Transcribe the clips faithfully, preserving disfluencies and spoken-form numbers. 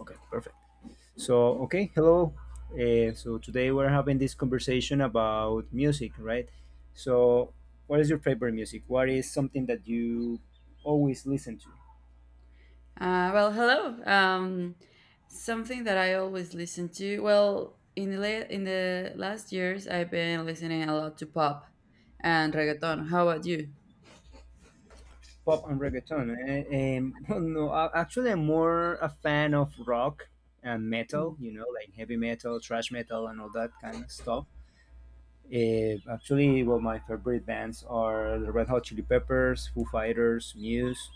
Okay, perfect. So, okay, hello. Uh, so today we're having this conversation about music, right? So, what is your favorite music? What is something that you always listen to? Uh, well, hello. Um, something that I always listen to. Well, in the la- in the last years, I've been listening a lot to pop and reggaeton. How about you? Pop and reggaeton, eh? Um, well, no, I- actually, I'm more a fan of rock and metal. You know, like heavy metal, thrash metal, and all that kind of stuff. Uh, actually, well, my favorite bands are the Red Hot Chili Peppers, Foo Fighters, Muse,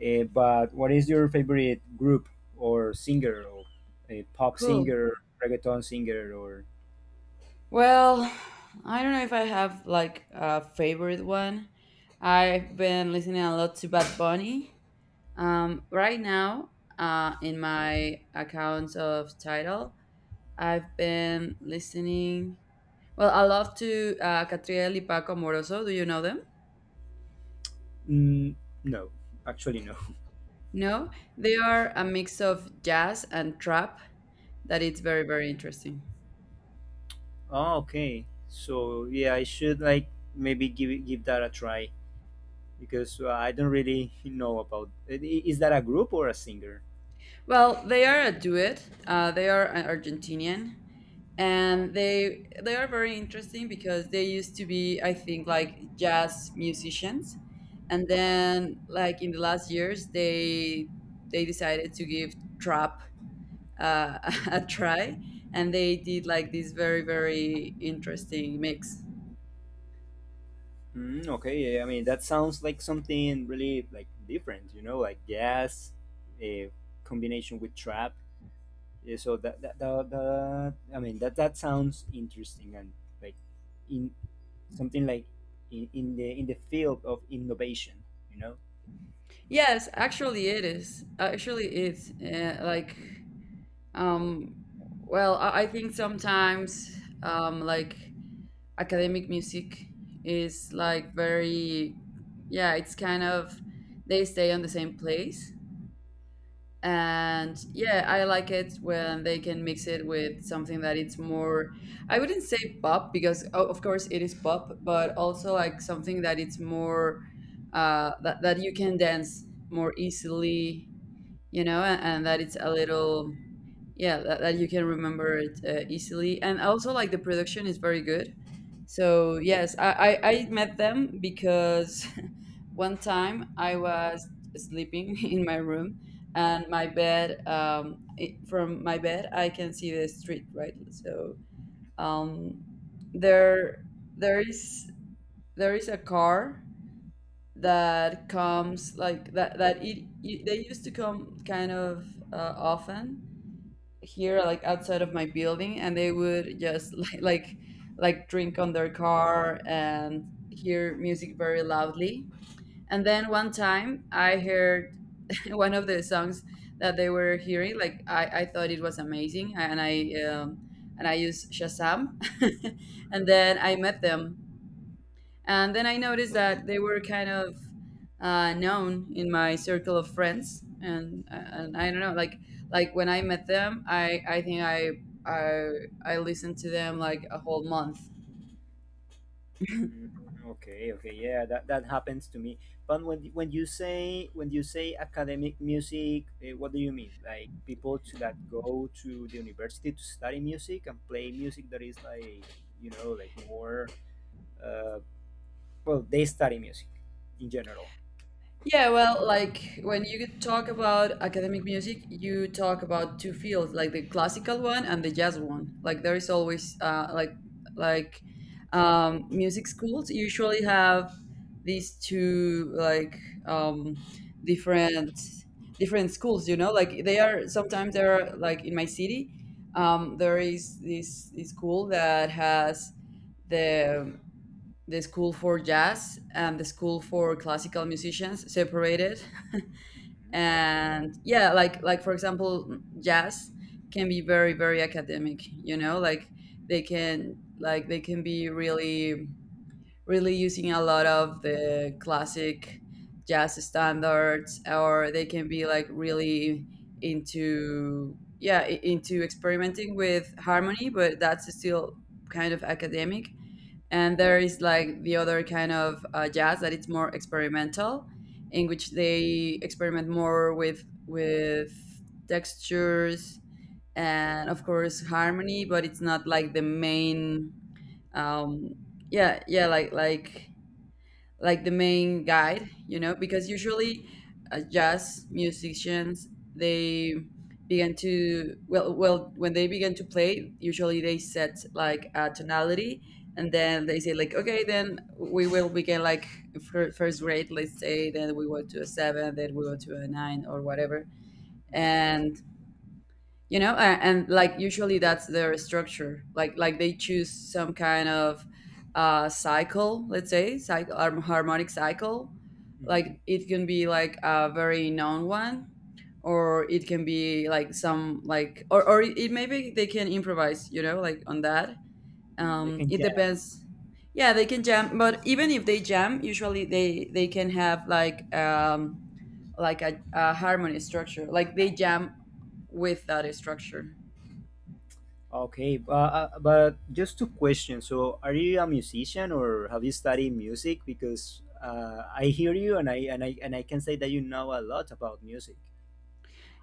Uh, But what is your favorite group or singer, or a pop Cool. singer, reggaeton singer, or Well, I don't know if I have like a favorite one. I've been listening a lot to Bad Bunny. Um, right now, uh, in my accounts of Tidal, I've been listening. Well, I love to uh, Catriel y Paco Moroso. Do you know them? mm, no? Actually, no. No, they are a mix of jazz and trap that it's very, very interesting. Oh, okay. So yeah, I should like maybe give it- give that a try because uh, I don't really know about. i- i- Is that a group or a singer? Well, they are a duet. Uh, they are an Argentinian, Uh-huh. and they they are very interesting because they used to be, I think, like jazz musicians, and Uh-huh. then like in the last years, they they decided to give trap uh, a try, and they did like this very, very interesting mix. Mm, okay, yeah, I mean that sounds like something really like different, you know, like jazz, a combination with trap. Yeah, so that that, that, that I mean that that sounds interesting and like in something like in, in the in the field of innovation, you know. Yes, actually it is. Actually it's uh, like um well, I, I think sometimes um like academic music is like very yeah, it's kind of they stay on the same place. And yeah, I like it when they can mix it with something that it's more I wouldn't say pop because o- of course it is pop, but also like something that it's more uh that, that you can dance more easily you know, and, and that it's a little, yeah, that, that you can remember it uh, easily. And also, like, the production is very good. So, yes, I, I, I met them because one time I was sleeping in my room and my bed, um, I from my bed, I can see the street, right? So, um, there, there is, there is a car that comes like that that it, it they used to come kind of uh, often here like outside of my building, and they would just like like, like drink on their car and hear music very loudly. And then one Mhm. time I heard one of the songs that they were hearing like i, I thought it was amazing, and i um, and I used Shazam and then Mhm. I met them. And then I noticed that they were kind of uh, known in my circle of friends, and uh, and I don't know, like like when I met them, I I think I I I listened to them like a whole month. Mm, okay, okay, yeah, that, that happens to me. But when when you say when you say academic music, eh, what do you mean, like people to that go to the university to study music and play music that is like, you know, like more, uh, well, they study music in general. Yeah, well, like when you talk about academic music, you talk about two fields, like the classical one and the jazz one. Like there is always uh, like like um, music schools usually have these two like um, different different schools. You know, like they are sometimes they are like in my city. Um, there is this this school that has the the school for jazz and the school for classical musicians separated. Hmm. And yeah, like like for example jazz can be very, very academic, you know, like they can like they can be really, really using a lot of the classic jazz standards, or they can be like really into yeah i- into experimenting with harmony, but that's still kind of academic. And there is like the other kind of uh, jazz that it's more experimental, in which they experiment more with with textures and of course harmony, but it's not like the main um yeah yeah like like like the main guide, you know, because usually uh, jazz musicians they began to well well when they begin to play, usually they set like a tonality and then they say like okay, then we will begin like fir- first grade, let's say, then we go to a seven, then we go to a nine or whatever. And you know, and, and like usually that's their structure, like like they choose some kind of uh cycle, let's say, cycle, harmonic cycle. Like Hmm. it can be like a very known one, or it can be like some like or, or it it maybe they can improvise, you know, like on that. Mm, you um can it jam. depends. Yeah, they can jam, but even if they jam, usually they they can have like um like a, a harmony structure, like they jam with that structure. Okay, bu- uh, but just two questions. So, are you a musician or have you studied music? Because uh, I hear you, and I and I and I can say that you know a lot about music.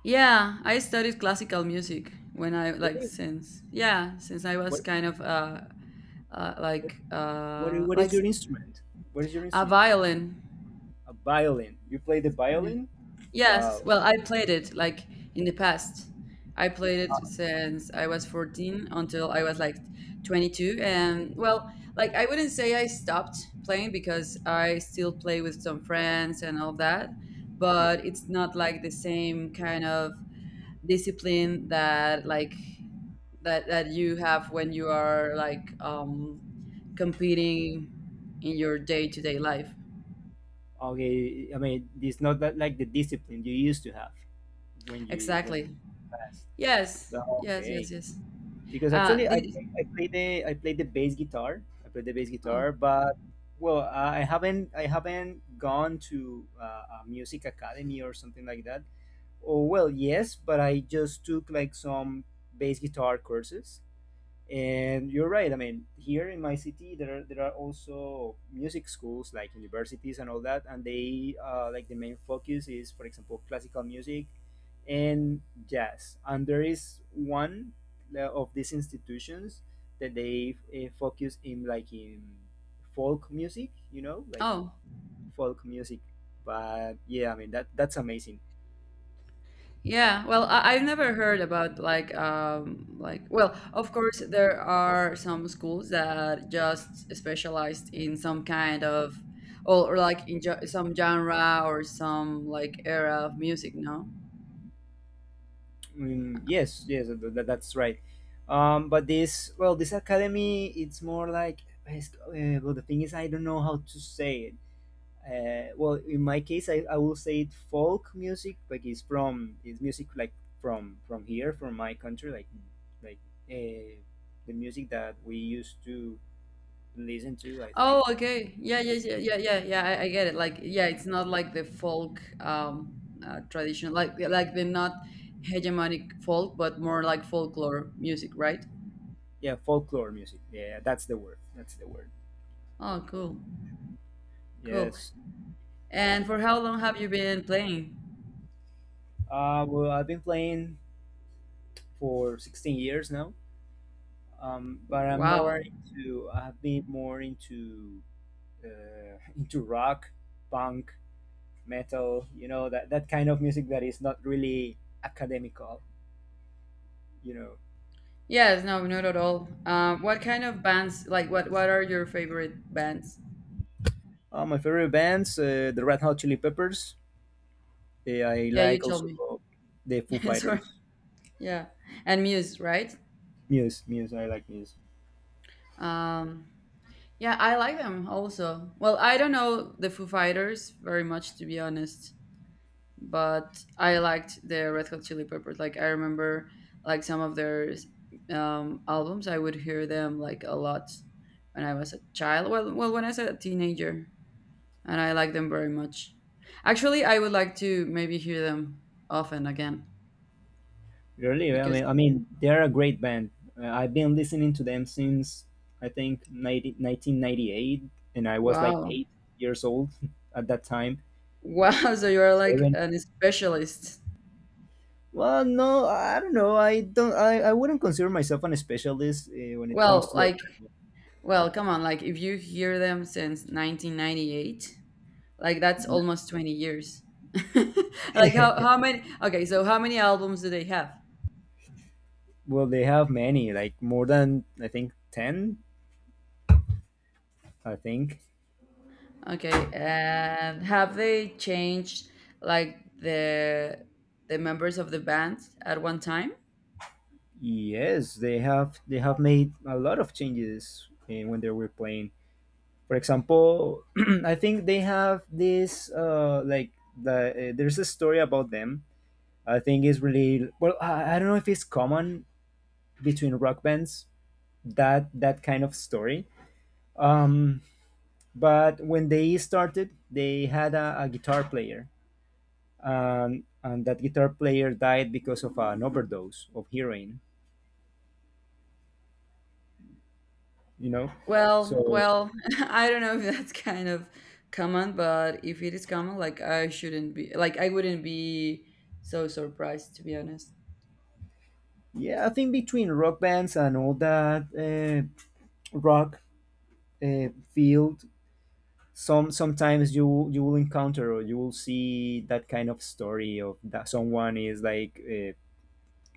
Yeah, I studied classical music when I like Really, since yeah since I was what kind of uh, uh what like what, uh what like is s- your instrument? What is your a instrument? violin. A violin. You play the Yeah. violin? Yes, Wow. well I played it like in the past. I played it since I was fourteen until I was like twenty-two, and well like I wouldn't say I stopped playing because I still play with some friends and all that, but it's Mhm. not like the same kind of discipline that like that that you have when you are like um competing in your day-to-day life. Okay, I mean, it's not that like the discipline you used to have when you when Exactly. past. yes But yes okay. yes yes Because uh actually did, I play, I play the I play the bass guitar. I play the bass oh, guitar, but well, I haven't I haven't gone to uh, a music academy or something like that. Oh well, yes, but I just took like some bass guitar courses, and you're right. I mean, here in my city, there are, there are also music schools like universities and all that, and they, uh, like, the main focus is, for example, classical music and jazz. And there is one, uh, of these institutions, that they uh, focus in like in folk music, you know, like oh folk music. But yeah, I mean that that's amazing. yeah, well, I, I've never heard about like um like well, of course there are some schools that just specialized in some kind of or, or like in jo- some genre or some like era of music, no. Mm, yes, yes, th- th- that's right. Um, but this, well, this academy, it's more like, it's- uh, well, the thing is, I don't know how to say it. Uh, well, in my case, I, I will say it folk music, like it's from, it's music like from from here, from my country, like like uh, the music that we used to listen to. I Oh, think, okay. Yeah, yeah, yeah, yeah, yeah. Yeah, I, I get it. Like, yeah, it's not like the folk um uh, traditional, like yeah, like the not hegemonic folk, but more like folklore music, right? yeah, folklore music. Yeah, that's the word. That's the word. Oh, cool, cool. Yes. And for how long have you been playing? Uh, well, I've been playing for sixteen years now, um, but I'm more Wow. into I've been more into uh, into rock, punk, metal. You know, that that kind of music that is not really academical. You know, Yes, no, not at all. Um, what kind of bands? Like, what what are your favorite bands? uh, my favorite bands, uh, the Red Hot Chili Peppers. Uh, I Yeah, you like tell also me. the Foo Sorry. Fighters. Yeah, and Muse, right? Muse, Muse. I like Muse. Um, yeah, I like them also. Well, I don't know the Foo Fighters very much, to be honest, but I liked the Red Hot Chili Peppers. Like I remember like some of their um, albums. I would hear them like a lot when I was a child. Well, well, when I was a teenager, and I like them very much. Actually, I would like to maybe hear them often again Really, I because mean, I mean, they're a great band. Uh, I've been listening to them since I think nineteen ninety-eight, and I was like wow, eight years old at that time. wow. So you are like Seven. an specialist. Well, no, I don't know. I don't. I, I wouldn't consider myself an specialist uh, when it comes Well, to like well, come on, like if you hear them since nineteen ninety-eight, like that's the. almost twenty years. like how how many okay, so how many albums do they have? Well, they have many, like more than I think ten. I think Okay, and have they changed like the the members of the band at one time? yes, they have. They have made a lot of changes uh, when they were playing. For example, I think they have this uh like the uh, there's a story about them. I think is really well. I, I don't know if it's common between rock bands, that that kind of story. Um, but when they started, they had a, a guitar player, and and that guitar player died because of an overdose of heroin. You know, Well, so well, I don't know if that's kind of common, but if it is common, like I shouldn't be like I wouldn't be so surprised, to be honest. yeah, I think between rock bands and all that, uh, rock, uh, field, some sometimes you you will encounter or you will see that kind of story, of that someone is like, uh,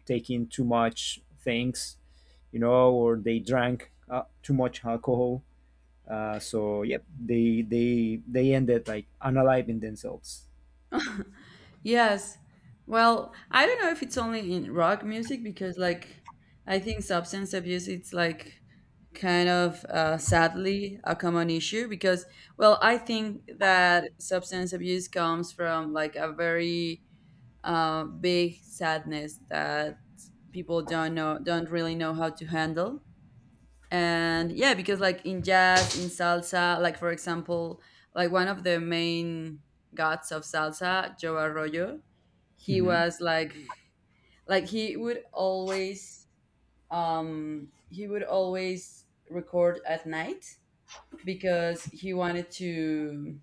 taking too much things, you know, or they drank uh, too much alcohol. Uh, so yep, they they they ended like unaliving themselves. Yes. Well, I don't know if it's only in rock music because, like, I think substance abuse it's like kind of uh, sadly a common issue because, well, I think that substance abuse comes from like a very uh, big sadness that people don't know, don't really know how to handle. And yeah, because like in jazz, in salsa, like for example, like one of the main gods of salsa, Joe Arroyo, he Hmm. was like like he would always um he would always record at night because he wanted to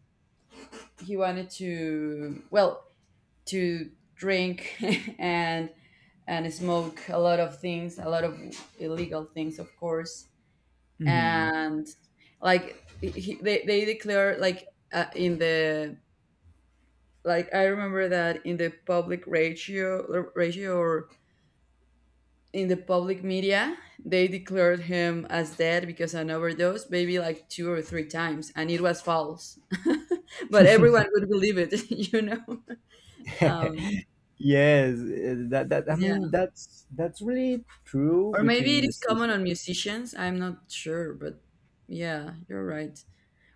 he wanted to well to drink and and smoke a lot of things, a lot of illegal things of course. Hmm. And like he, they they declare like uh, in the like I remember that in the public ratio ratio or in the public media, they declared him as dead because an overdose, maybe like two or three times, and it was false. But everyone would believe it, you know. Um, Yes, uh, that that I mean yeah, that's that's really true or between maybe it is music. common on musicians. I'm not sure, but yeah, you're right.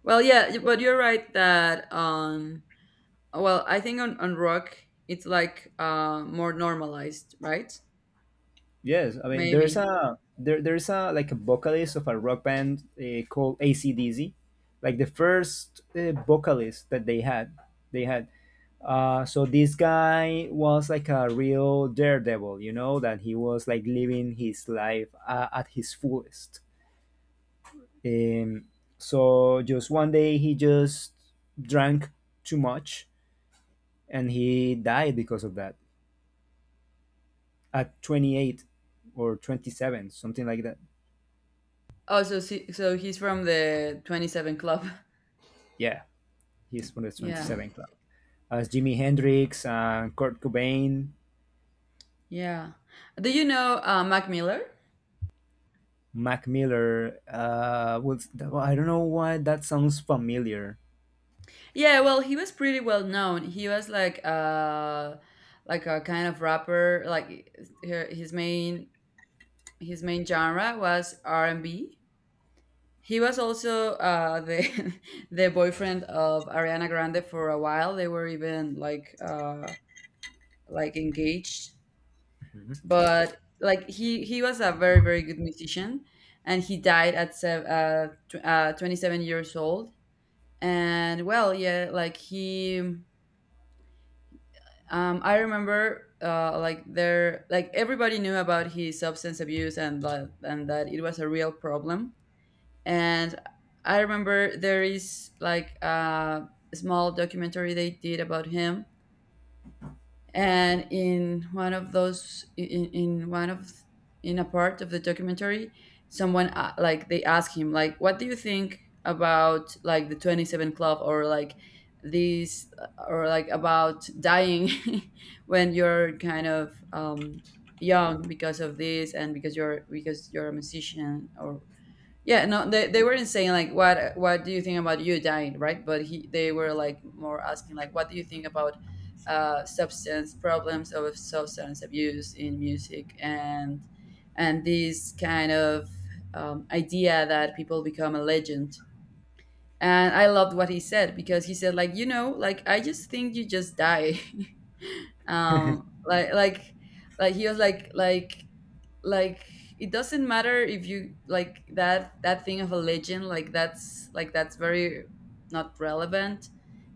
Well, yeah, but you're right that um, well, I think on on rock it's like uh more normalized, right? Yes, I mean there's Maybe. a there there's a like a vocalist of a rock band uh, called A C D C, like the first uh, vocalist that they had they had. Uh, so this guy was like a real daredevil, you know, that he was like living his life uh, at his fullest. Um, so just one day he just drank too much and he died because of that at twenty-eight or twenty-seven, something like that. Oh, so si- so he's from the Twenty Seven Club. Yeah, he's from the Yeah. twenty-seven club. As Jimi Hendrix and Kurt Cobain, Yeah. Do you know uh, Mac Miller? Mac Miller. Uh, was, I don't know why that sounds familiar. Yeah, well, he was pretty well known. He was like uh like a kind of rapper. Like he- his main his main genre was R and B. He was also uh, the the boyfriend of Ariana Grande for a while. They were even like uh, like engaged, but like he he was a very, very good musician, and he died at sev- uh, tw- uh, twenty-seven years old. And well yeah like he um I remember uh like there like everybody knew about his substance abuse, and that and that it was a real problem. And I remember there is like a small documentary they did about him, and in one of those in, in one of in a part of the documentary, someone uh, like they ask him like what do you think about like the twenty-seven club or like these or like about dying when you're kind of um young because of this and because you're because you're a musician or yeah, no, they, they weren't saying like what what do you think about you dying, right? But he they were like more asking like what do you think about uh, substance problems of substance abuse in music and and this kind of um, idea that people become a legend. And I loved what he said because he said like you know like I just think you just die. um like like like he was like like like it doesn't matter if you like that that thing of a legend, like that's like that's very not relevant,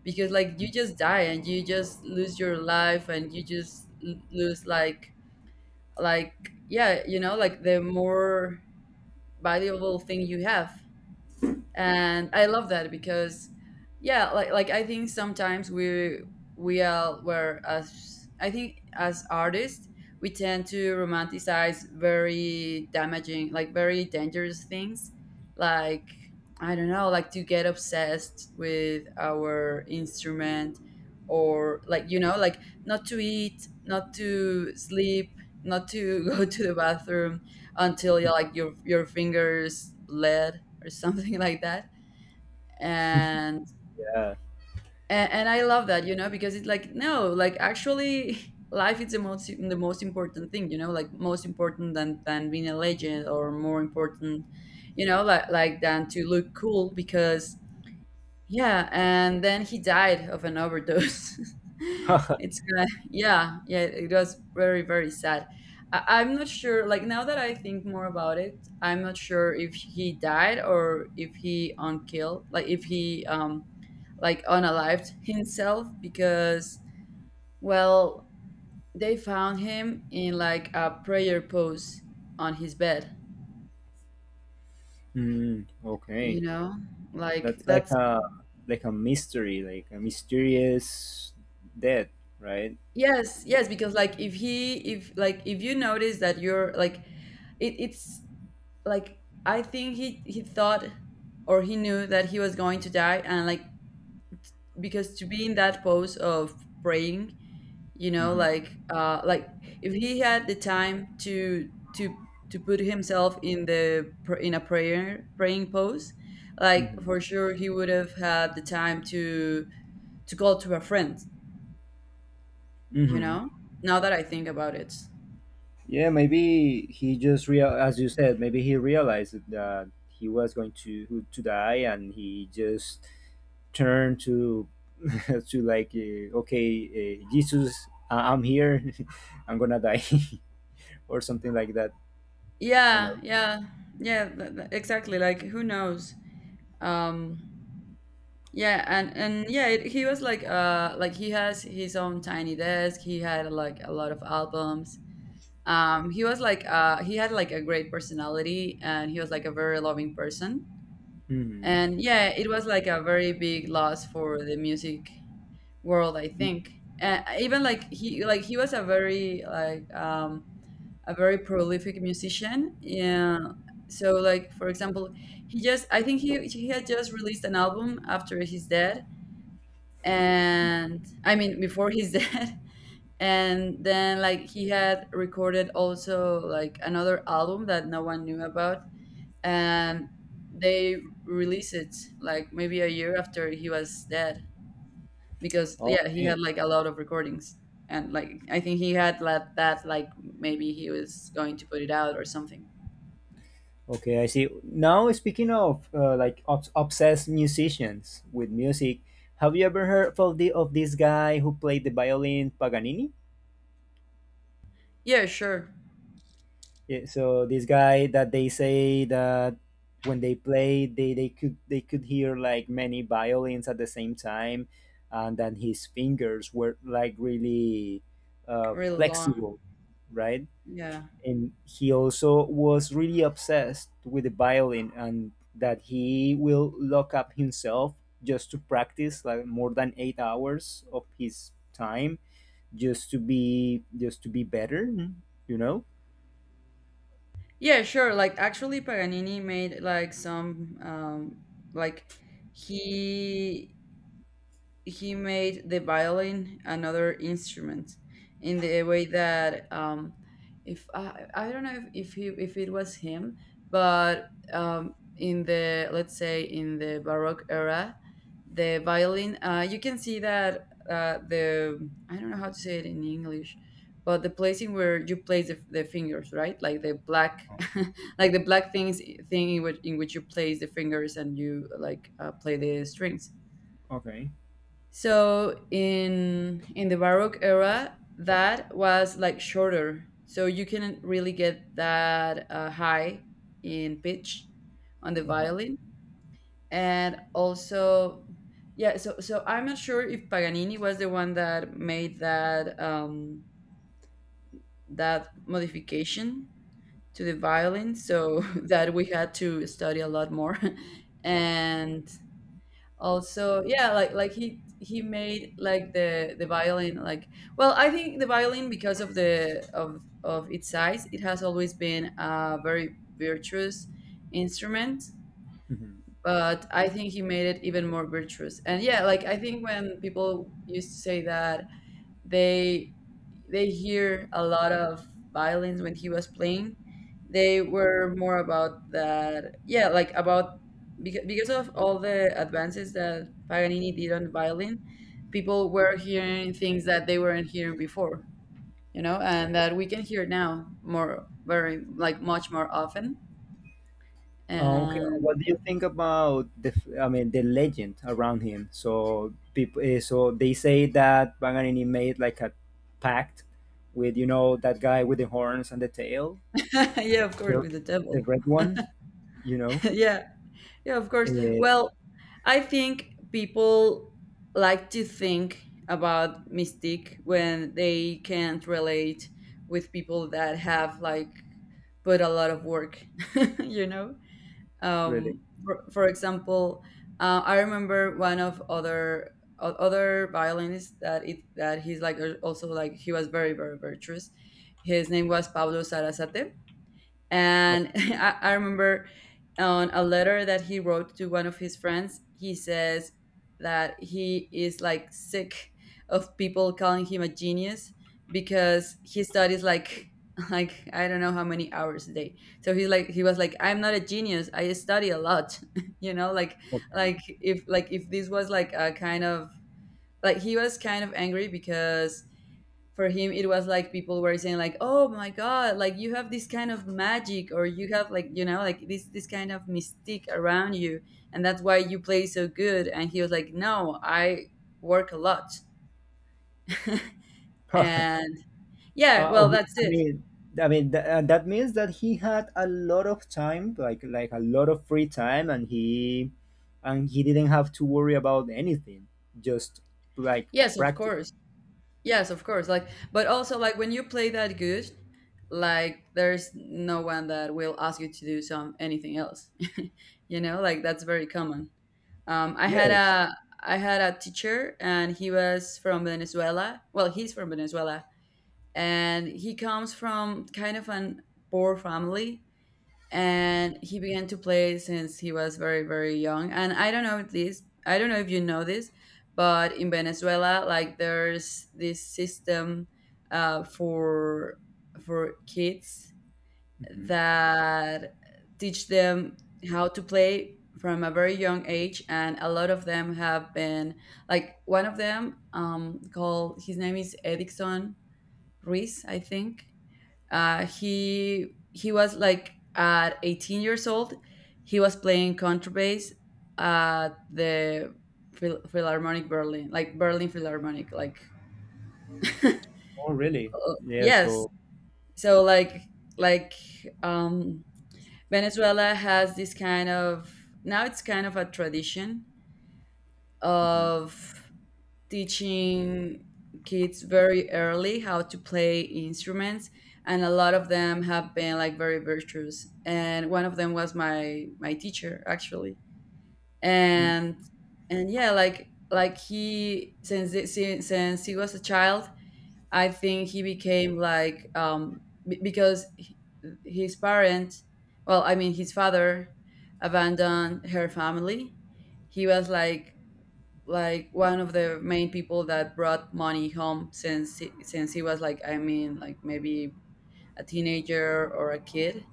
because like you just die and you just lose your life and you just l- lose like like yeah you know like the more valuable thing you have. And I love that because yeah, like like I think sometimes we we are were as I think as artists we tend to romanticize very damaging, like very dangerous things, like I don't know, like to get obsessed with our instrument or like, you know, like not to eat, not to sleep, not to go to the bathroom until you like your your fingers bled or something like that. And Yeah. and, and I love that, you know, because it's like no, like actually life is the most the most important thing, you know, like most important than than being a legend, or more important, you know, like like than to look cool, because yeah, and then he died of an overdose. it's kind Yeah, yeah, it was very, very sad. I, I'm not sure, like, now that I think more about it, I'm not sure if he died or if he unkilled, like, if he, um, like, unalived himself because, well, they found him in, like, a prayer pose on his bed, Mm, you okay, know? Like, that's like that's... a like a mystery, like a mysterious death, right? Yes, yes, because like if he, if like if you notice that you're like it, it's like I think he he thought or he knew that he was going to die, and like because to be in that pose of praying, you know, Hmm. like uh like if he had the time to to to put himself in the pr- in a prayer praying pose, like for Hmm. sure he would have had the time to to call to a friend, you Mm-hmm. know? Now that I think about it. Yeah, maybe he just real, as you said, maybe he realized that he was going to to die, and he just turned to to like, uh, okay, uh, Jesus, I- I'm here, I'm gonna die, or something like that, or no. Yeah, yeah, yeah, th th- exactly. Like, who knows? Um, yeah, and and yeah, it, he was like, uh, like he has his own tiny desk. He had like a lot of albums. Um, he was like, uh, he had like a great personality, and he was like a very loving person. Hmm. And yeah, it was like a very big loss for the music world, I think. And even like he, like he was a very like um a very prolific musician. Yeah. So like for example, he just I think he he had just released an album after his death, and I mean before his death, and then like he had recorded also like another album that no one knew about, and they released it like maybe a year after he was dead, because yeah he Okay. had like a lot of recordings, and like I think he had let that like maybe he was going to put it out or something. Okay, I see. Now, speaking of uh, like obs- obsessed musicians with music, have you ever heard of the of this guy who played the violin, Paganini? Yeah, sure. Yeah, so this guy that they say that when they play, they, they could they could hear like many violins at the same time, and then his fingers were like really, uh, Really long. flexible, right? Yeah. And he also was really obsessed with the violin, and that he will lock up himself just to practice like more than eight hours of his time just to be, just to be better, you know? Yeah, sure. Like actually Paganini made like some um like he he made the violin another instrument, in the way that um, if I, I don't know if, if he if it was him, but um, in the let's say in the Baroque era, the violin uh, you can see that uh, the I don't know how to say it in English, but the placing where you place the, the fingers right, like the black like the black things thing in which in which you place the fingers and you like uh, play the strings, Okay. so in in the Baroque era, that was like shorter, so you couldn't really get that uh, high in pitch on the violin. And also, yeah. So so I'm not sure if Paganini was the one that made that um, that modification to the violin, so that we had to study a lot more. And also yeah, like like he he made like the the violin like, well, I think the violin, because of the of of its size, it has always been a very virtuous instrument, Mhm. but I think he made it even more virtuous, and yeah, like I think when people used to say that they they hear a lot of violins when he was playing, they were more about that, yeah, like about, because, because of all the advances that Paganini did on violin, people were hearing things that they weren't hearing before, you know, and that we can hear now more, very like much more often. Uh, okay, uh, And what do you think about the? f- I mean, the legend around him. So people, so they say that Paganini made like a pact with, you know, that guy with the horns and the tail, yeah, of course, the, with the the devil. red one. You know, Yeah. Yeah, of course. eh, Well, I think people like to think about mystique when they can't relate with people that have like put a lot of work, you know? really. Um, for, for example, uh, I remember one of other o- other violinists that it that he's like uh, also like he was very very virtuous. His name was Pablo Sarasate, Oh, and I, I remember on a letter that he wrote to one of his friends, he says that he is like sick of people calling him a genius, because he studies like like I don't know how many hours a day. So he's like he was like I'm not a genius. I study a lot. You know, like okay. like if like if this was like a kind of, like he was kind of angry because for him it was like people were saying like oh my god, like you have this kind of magic or you have like, you know, like this this kind of mystique around you, and that's why you play so good, and he was like no, I work a lot. And yeah, Uh, well, that's I it. mean, I mean th- uh, that means that he had a lot of time, like like a lot of free time, and he and he didn't have to worry about anything. Just like Yes, of practice. course. Yes, of course, like but also like when you play that good, like there's no one that will ask you to do some anything else. You know, like that's very common. Um, I had Yes. a I had a teacher, and he was from Venezuela. Well, he's from Venezuela, and he comes from kind of an poor family. And he began to play since he was very very young. And I don't know if this. I don't know if you know this, but in Venezuela, like there's this system uh, for for kids Hmm. that teach them how to play from a very young age, and a lot of them have been like one of them um called, his name is Edison Ruiz I think, uh he he was like at eighteen years old, he was playing contrabass at the Phil- Philharmonic Berlin, like Berlin Philharmonic, like Oh, really? uh, Yeah. yes. So. So like like um, Venezuela has this kind of, now it's kind of a tradition Mhm. of teaching kids very early how to play instruments, and a lot of them have been like very virtuous, and one of them was my my teacher actually. Mm. and and yeah, like like he, since since since he was a child, I think he became like um, b- because h- his parents, well, I mean his father, abandoned her family. He was like like one of the main people that brought money home since he, since he was like I mean like maybe a teenager or a kid.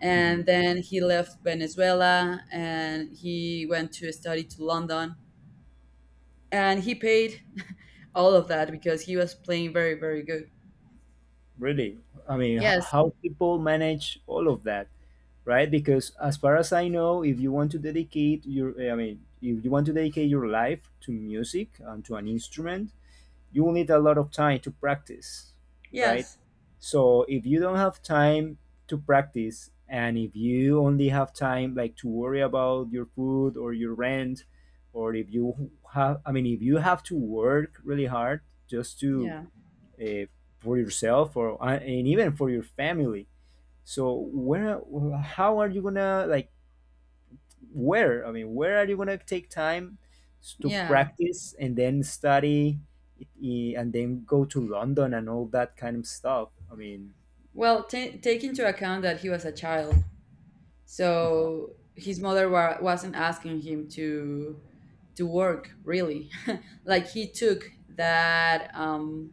And Mhm. then he left Venezuela and he went to study to London, and he paid all of that because he was playing very very good. Really, I mean, h- Yes. how people manage all of that, right? Because as far as I know, if you want to dedicate your, I mean, if you want to dedicate your life to music and to an instrument, you will need a lot of time to practice, right? Yes. So if you don't have time to practice, and if you only have time like to worry about your food or your rent, or if you have, I mean, if you have to work really hard just to, Yeah. uh, for yourself or uh, and even for your family. So where, how are you going to like where? I mean, where are you gonna take time to Yeah. practice and then study, i- and then go to London and all that kind of stuff? I mean, Well, ta take into account that he was a child, uh-huh. so his mother wa- wasn't asking him to to work really. Like he took that um,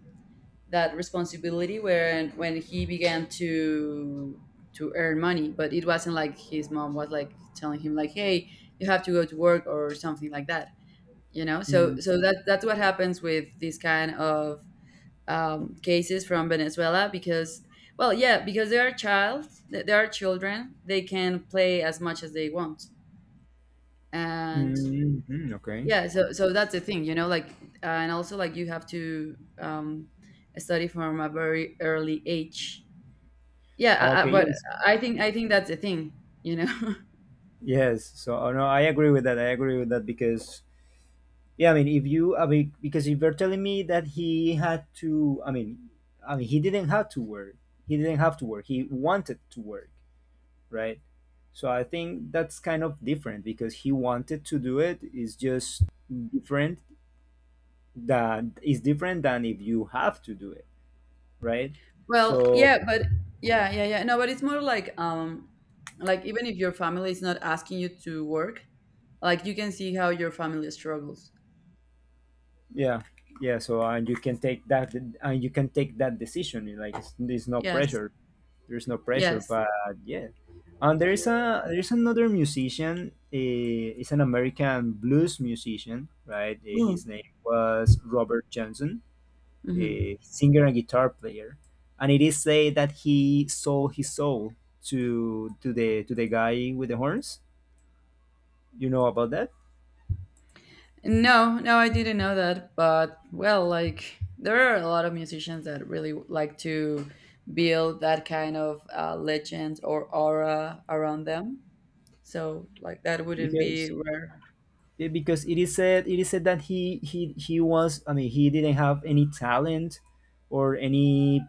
that responsibility when when he began to to earn money, but it wasn't like his mom was like telling him like, "Hey, you have to go to work" or something like that. You know. So mm, so that that's what happens with this kind of um, cases from Venezuela, because, well, yeah, because they are child, they are children, they can play as much as they want, and mm, mm, okay, yeah, so so that's the thing, you know, like, uh, and also like you have to um, study from a very early age. Yeah, I, I, okay, but yes, I think I think that's the thing, you know. yes. So, oh, no, I agree with that. I agree with that because, yeah, I mean, if you, I mean, because if you're telling me that he had to, I mean, I mean, he didn't have to work. He didn't have to work. He wanted to work, right? So I think that's kind of different, because he wanted to do it, is just different, that is different than if you have to do it, right? Well, So yeah, but yeah, yeah, yeah. No, but it's more like um, like even if your family is not asking you to work, like you can see how your family struggles. yeah, yeah. So and you can take that and you can take that decision. Like it's, there's no Yes. pressure. There's no pressure, Yes. but yeah. And there is a there's another musician. Uh, it's an American blues musician, right? Eh, his name was Robert Johnson, Mhm. uh, singer and guitar player, and it is said that he sold his soul to to the to the guy with the horns. You know about that, No, no, I didn't know that. But well, like there are a lot of musicians that really like to build that kind of uh, legend or aura around them. So like that wouldn't because be rare. eh, because it is said it is said that he he he was, I mean, he didn't have any talent or any,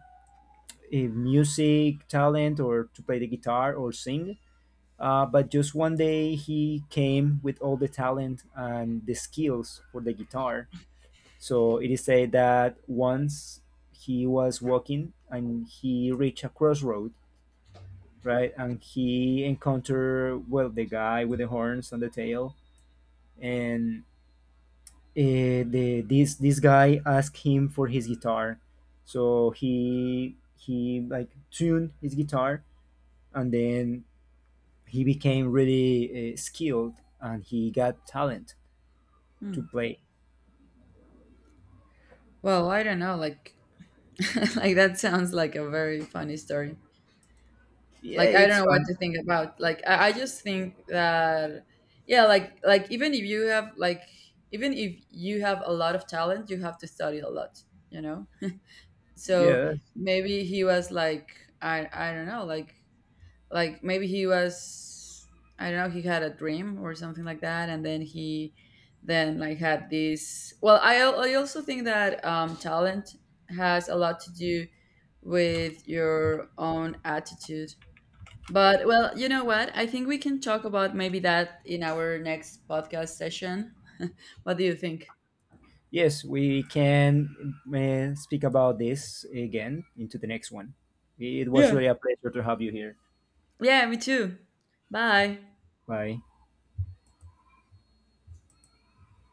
uh, music talent or to play the guitar or sing. Uh, but just one day he came with all the talent and the skills for the guitar. So it is said that once he was walking and he reached a crossroad, right? And he encountered, well, the guy with the horns and the tail, and uh, the this this guy asked him for his guitar, so he he like tuned his guitar, and then he became really, uh, skilled and he got talent Hmm. to play. Well, I don't know. Like, like that sounds like a very funny story. Yeah, Like I don't it's know what fun. to think about. Like I, I just think that yeah, like like even if you have like, even if you have a lot of talent, you have to study a lot. You know. So Yeah. maybe he was like i i don't know like like maybe he was, I don't know, he had a dream or something like that, and then he then like had this, well i, al- I also think that um, talent has a lot to do with your own attitude. But well, you know what, I think we can talk about maybe that in our next podcast session. What do you think? Yes, we can uh, speak about this again into the next one. It was Yeah. really a pleasure to have you here. Yeah, me too. Bye. Bye.